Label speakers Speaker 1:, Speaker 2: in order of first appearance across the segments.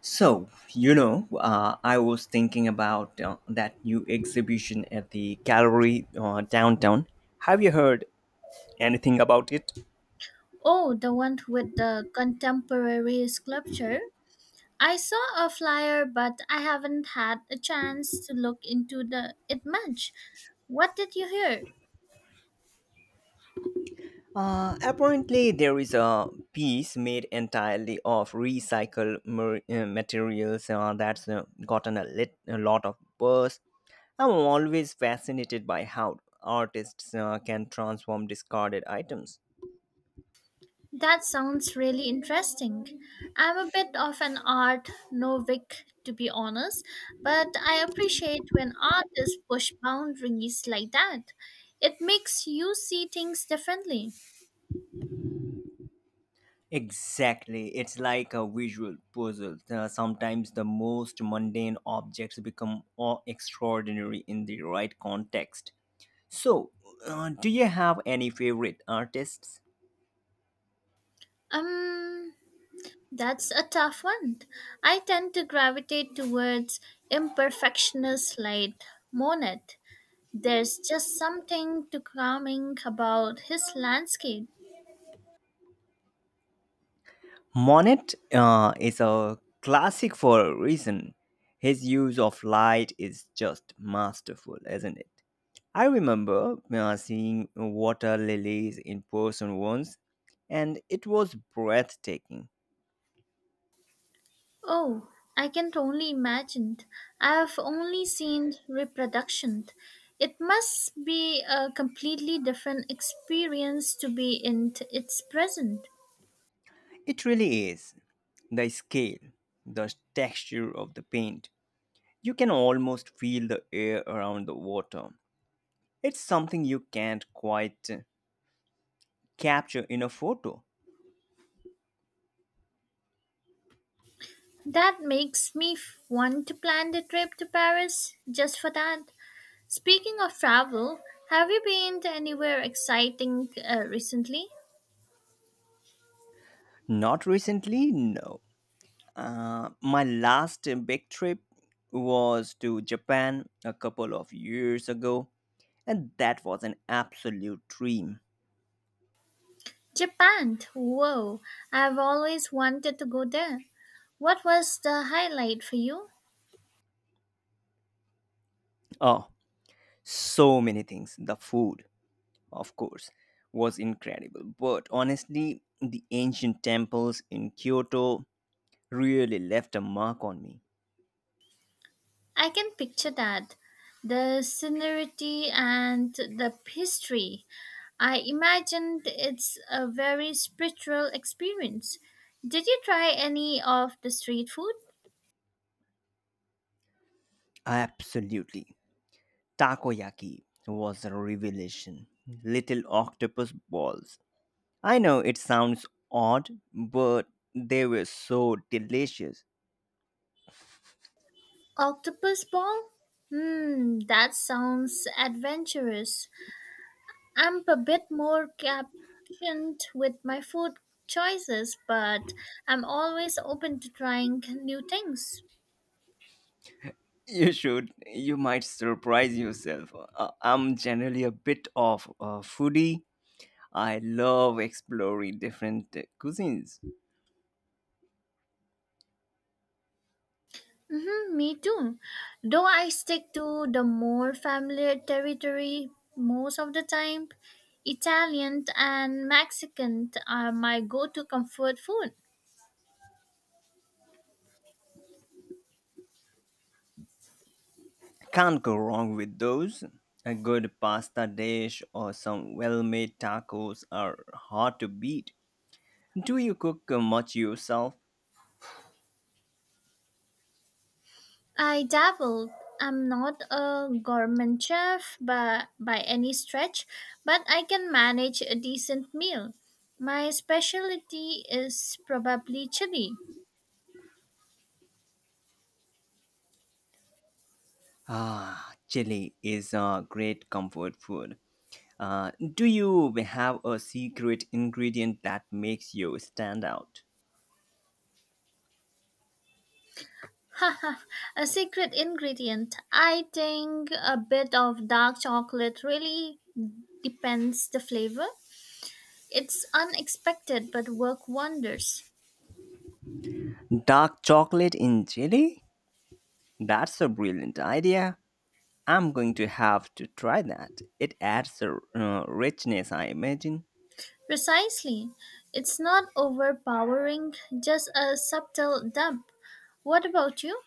Speaker 1: I was thinking about that new exhibition at the gallery downtown. Have you heard anything about it?
Speaker 2: Oh, the one with the contemporary sculpture. I saw a flyer, but I haven't had a chance to look into the it much. What did you hear?
Speaker 1: Apparently, there is a piece made entirely of recycled materials that's gotten a lot of buzz. I'm always fascinated by how artists can transform discarded items.
Speaker 2: That sounds really interesting. I'm a bit of an art novice, to be honest, but I appreciate when artists push boundaries like that. It makes you see things differently.
Speaker 1: Exactly. It's like a visual puzzle. Sometimes the most mundane objects become awe extraordinary in the right context. So, do you have any favorite artists?
Speaker 2: Um, That's a tough one. I tend to gravitate towards imperfectionist like Monet. There's just something to calming about his landscape.
Speaker 1: Monet is a classic for a reason. His use of light is just masterful, isn't it? I remember seeing water lilies in person once, and it was breathtaking.
Speaker 2: Oh, I can only imagine. I've only seen reproduction. It must be a completely different experience to be in its present.
Speaker 1: It really is. The scale, the texture of the paint. You can almost feel the air around the water. It's something you can't quite capture in a photo.
Speaker 2: That makes me want to plan the trip to Paris just for that. Speaking of travel, have you been to anywhere exciting recently?
Speaker 1: Not recently, no. My last big trip was to Japan a couple of years ago, and that was an absolute dream.
Speaker 2: Japan. Whoa, I've always wanted to go there. What was the highlight for you?
Speaker 1: Oh, so many things. The food, of course, was incredible. But honestly, the ancient temples in Kyoto really left a mark on me.
Speaker 2: I can picture that. The scenery and the history. I imagined it's a very spiritual experience. Did you try any of the street food?
Speaker 1: Absolutely. Takoyaki was a revelation. Little octopus balls. I know it sounds odd, but they were so delicious.
Speaker 2: Octopus ball? Hmm, that sounds adventurous. I'm a bit more captioned with my food choices, but I'm always open to trying new things.
Speaker 1: You should. You might surprise yourself. I'm generally a bit of a foodie. I love exploring different cuisines.
Speaker 2: Hmm, me too. Though I stick to the more familiar territory most of the time, Italian and Mexican are my go to comfort food.
Speaker 1: Can't go wrong with those. A good pasta dish or some well made tacos are hard to beat. Do you cook much yourself?
Speaker 2: I dabbled. I'm not a gourmet chef by any stretch, but I can manage a decent meal. My specialty is probably chili.
Speaker 1: Ah, chili is a great comfort food. Do you have a secret ingredient that makes you stand out?
Speaker 2: Haha, a secret ingredient. I think a bit of dark chocolate really depends the flavor. It's unexpected but work wonders.
Speaker 1: Dark chocolate in chili? That's a brilliant idea. I'm going to have to try that. It adds a richness, I imagine.
Speaker 2: Precisely. It's not overpowering, just a subtle dump. What about you?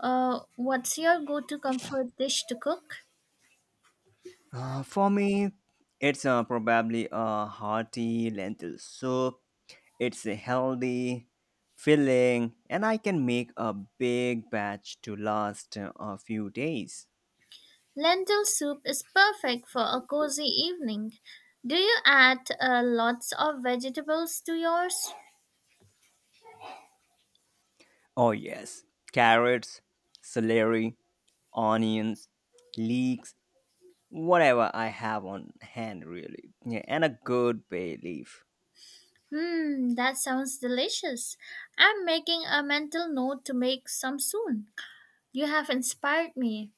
Speaker 2: What's your go to comfort dish to cook?
Speaker 1: For me, it's probably a hearty lentil soup. It's a healthy, filling, and I can make a big batch to last a few days.
Speaker 2: Lentil soup is perfect for a cozy evening. Do you add lots of vegetables to yours?
Speaker 1: Oh, yes, carrots, celery, onions, leeks, whatever I have on hand, really, yeah, and a good bay leaf.
Speaker 2: Hmm, that sounds delicious. I'm making a mental note to make some soon. You have inspired me.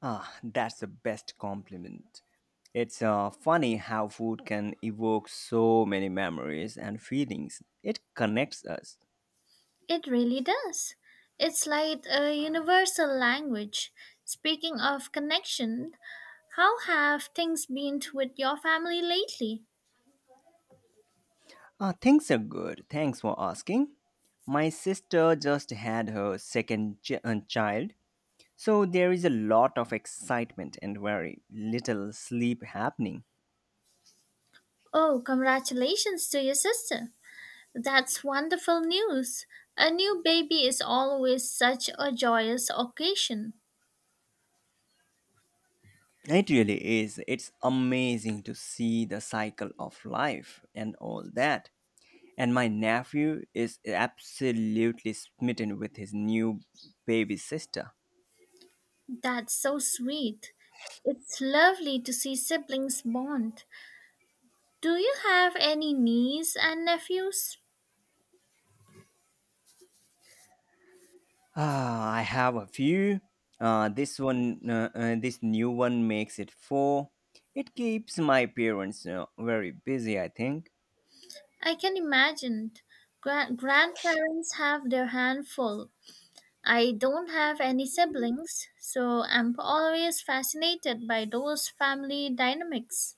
Speaker 1: Ah, that's the best compliment. It's funny how food can evoke so many memories and feelings. It connects us.
Speaker 2: It really does. It's like a universal language. Speaking of connection, how have things been with your family lately?
Speaker 1: Ah, things are good. Thanks for asking. My sister just had her second child, so there is a lot of excitement and very little sleep happening.
Speaker 2: Oh, congratulations to your sister. That's wonderful news. A new baby is always such a joyous occasion.
Speaker 1: It really is. It's amazing to see the cycle of life and all that. And my nephew is absolutely smitten with his new baby sister.
Speaker 2: That's so sweet. It's lovely to see siblings bond. Do you have any niece and nephews?
Speaker 1: Ah, I have a few. This new one makes it four. It keeps my parents very busy, I think.
Speaker 2: I can imagine. Grandparents have their handful. I don't have any siblings, so I'm always fascinated by those family dynamics.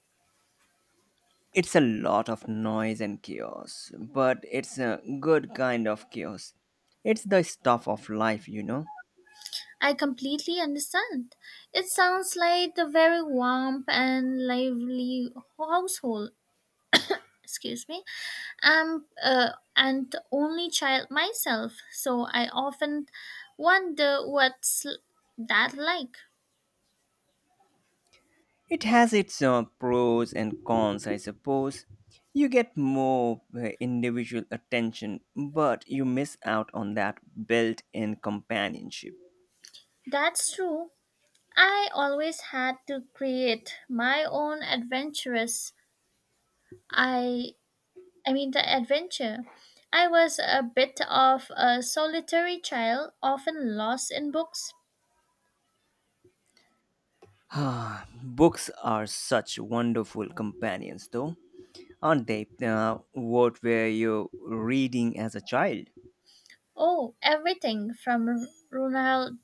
Speaker 1: It's a lot of noise and chaos, but it's a good kind of chaos. It's the stuff of life, you know.
Speaker 2: I completely understand. It sounds like a very warm and lively household. Excuse me. I'm an only child myself, so I often wonder what's that like.
Speaker 1: It has its pros and cons, I suppose. You get more individual attention, but you miss out on that built in companionship.
Speaker 2: That's true. I always had to create my own adventurous. I I mean the adventure. I was a bit of a solitary child, often lost in books.
Speaker 1: Ah, books are such wonderful companions, though, aren't they? What were you reading as a child?
Speaker 2: Oh, everything from Ronald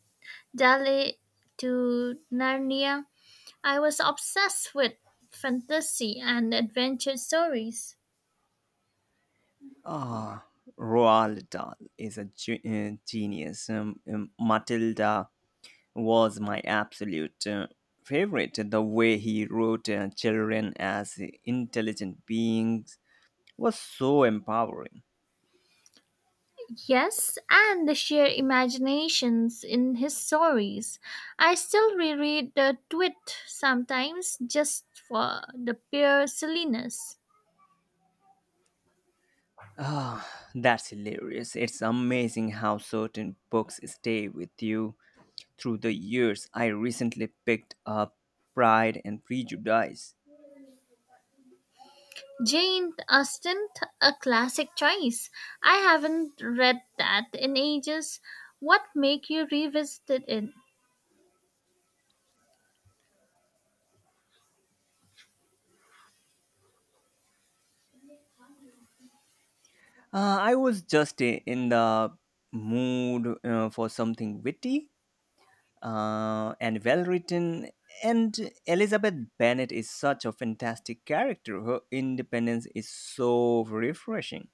Speaker 2: Dahl to Narnia. I was obsessed with fantasy and adventure stories.
Speaker 1: Ah, Roald Dahl is a genius. Matilda was my absolute favorite. The way he wrote children as intelligent beings was so empowering.
Speaker 2: Yes, and the sheer imaginations in his stories. I still reread the Twit sometimes just for the pure silliness.
Speaker 1: Ah, that's hilarious. It's amazing how certain books stay with you through the years. I recently picked up Pride and Prejudice.
Speaker 2: Jane Austen, a classic choice. I haven't read that in ages. What make you revisit it?
Speaker 1: I was just in the mood for something witty, and well written. And Elizabeth Bennet is such a fantastic character. Her independence is so refreshing.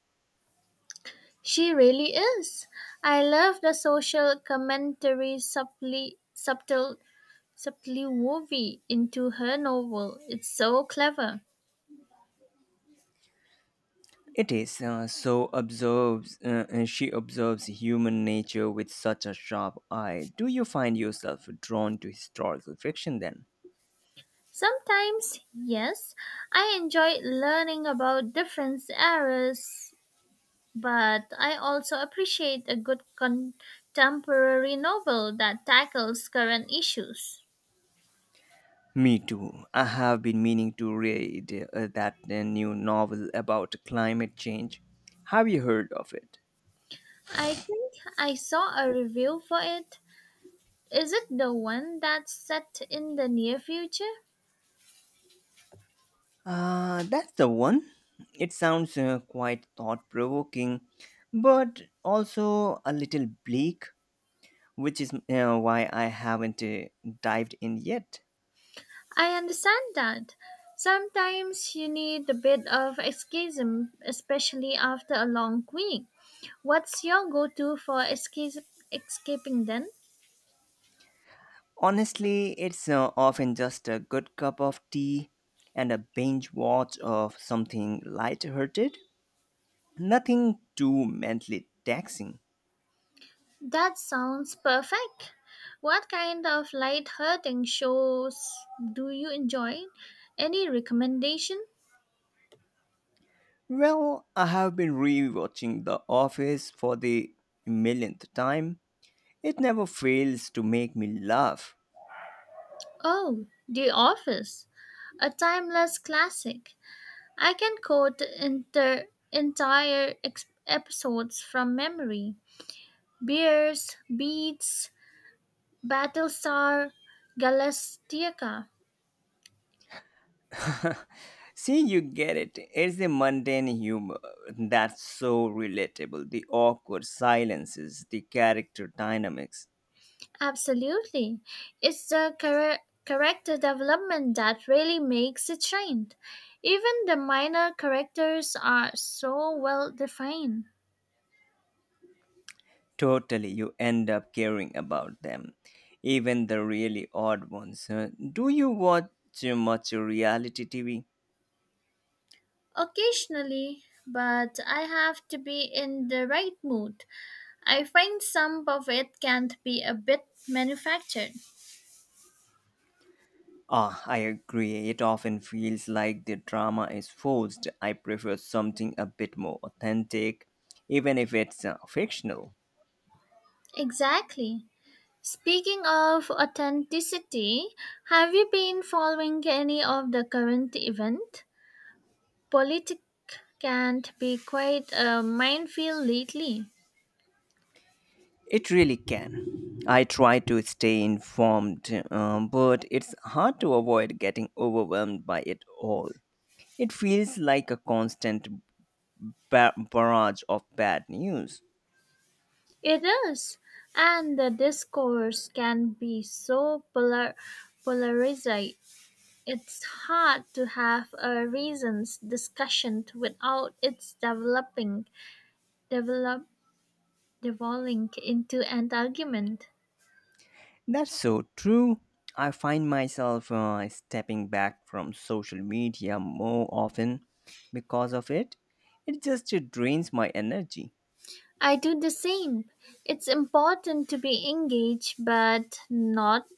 Speaker 2: She really is. I love the social commentary subtly woven into her novel. It's so clever.
Speaker 1: It is so observes. She observes human nature with such a sharp eye. Do you find yourself drawn to historical fiction then?
Speaker 2: Sometimes, yes, I enjoy learning about different eras, but I also appreciate a good contemporary novel that tackles current issues.
Speaker 1: Me too. I have been meaning to read that new novel about climate change. Have you heard of it?
Speaker 2: I think I saw a review for it. Is it the one that's set in the near future?
Speaker 1: That's the one. It sounds quite thought provoking, but also a little bleak, which is why I haven't dived in yet.
Speaker 2: I understand that. Sometimes you need a bit of escapism, especially after a long week. What's your go to for escaping then?
Speaker 1: Honestly, it's often just a good cup of tea and a binge watch of something light-hearted, nothing too mentally taxing.
Speaker 2: That sounds perfect. What kind of light-hearted shows do you enjoy? Any recommendation?
Speaker 1: Well, I have been rewatching The Office for the millionth time. It never fails to make me laugh.
Speaker 2: Oh, The Office, a timeless classic. I can quote entire episodes from memory. Beers, Beats, Battlestar Galactica.
Speaker 1: See, you get it. It's the mundane humor that's so relatable. The awkward silences, the character dynamics.
Speaker 2: Absolutely. It's the character development that really makes it shine. Even the minor characters are so well defined.
Speaker 1: Totally, you end up caring about them, even the really odd ones. Do you watch much reality TV?
Speaker 2: Occasionally, but I have to be in the right mood. I find some of it can't be a bit manufactured.
Speaker 1: Ah, I agree. It often feels like the drama is forced. I prefer something a bit more authentic, even if it's fictional.
Speaker 2: Exactly. Speaking of authenticity, have you been following any of the current event? Politics can be quite a minefield lately.
Speaker 1: It really can. I try to stay informed, but it's hard to avoid getting overwhelmed by it all. It feels like a constant barrage of bad news.
Speaker 2: It is, and the discourse can be so polarized. It's hard to have a reasons discussion without its develop, devolving into an argument.
Speaker 1: That's so true. I find myself stepping back from social media more often because of it. It just drains my energy.
Speaker 2: I do the same. It's important to be engaged, but not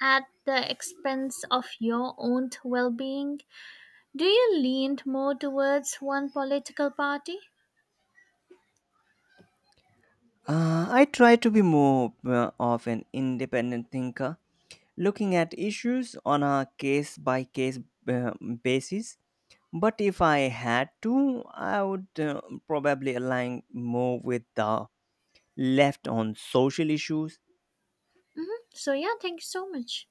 Speaker 2: at the expense of your own well being. Do you lean more towards one political party?
Speaker 1: I try to be more of an independent thinker, looking at issues on a case by case basis. But if I had to, I would probably align more with the left on social issues
Speaker 2: So, yeah, thank you so much.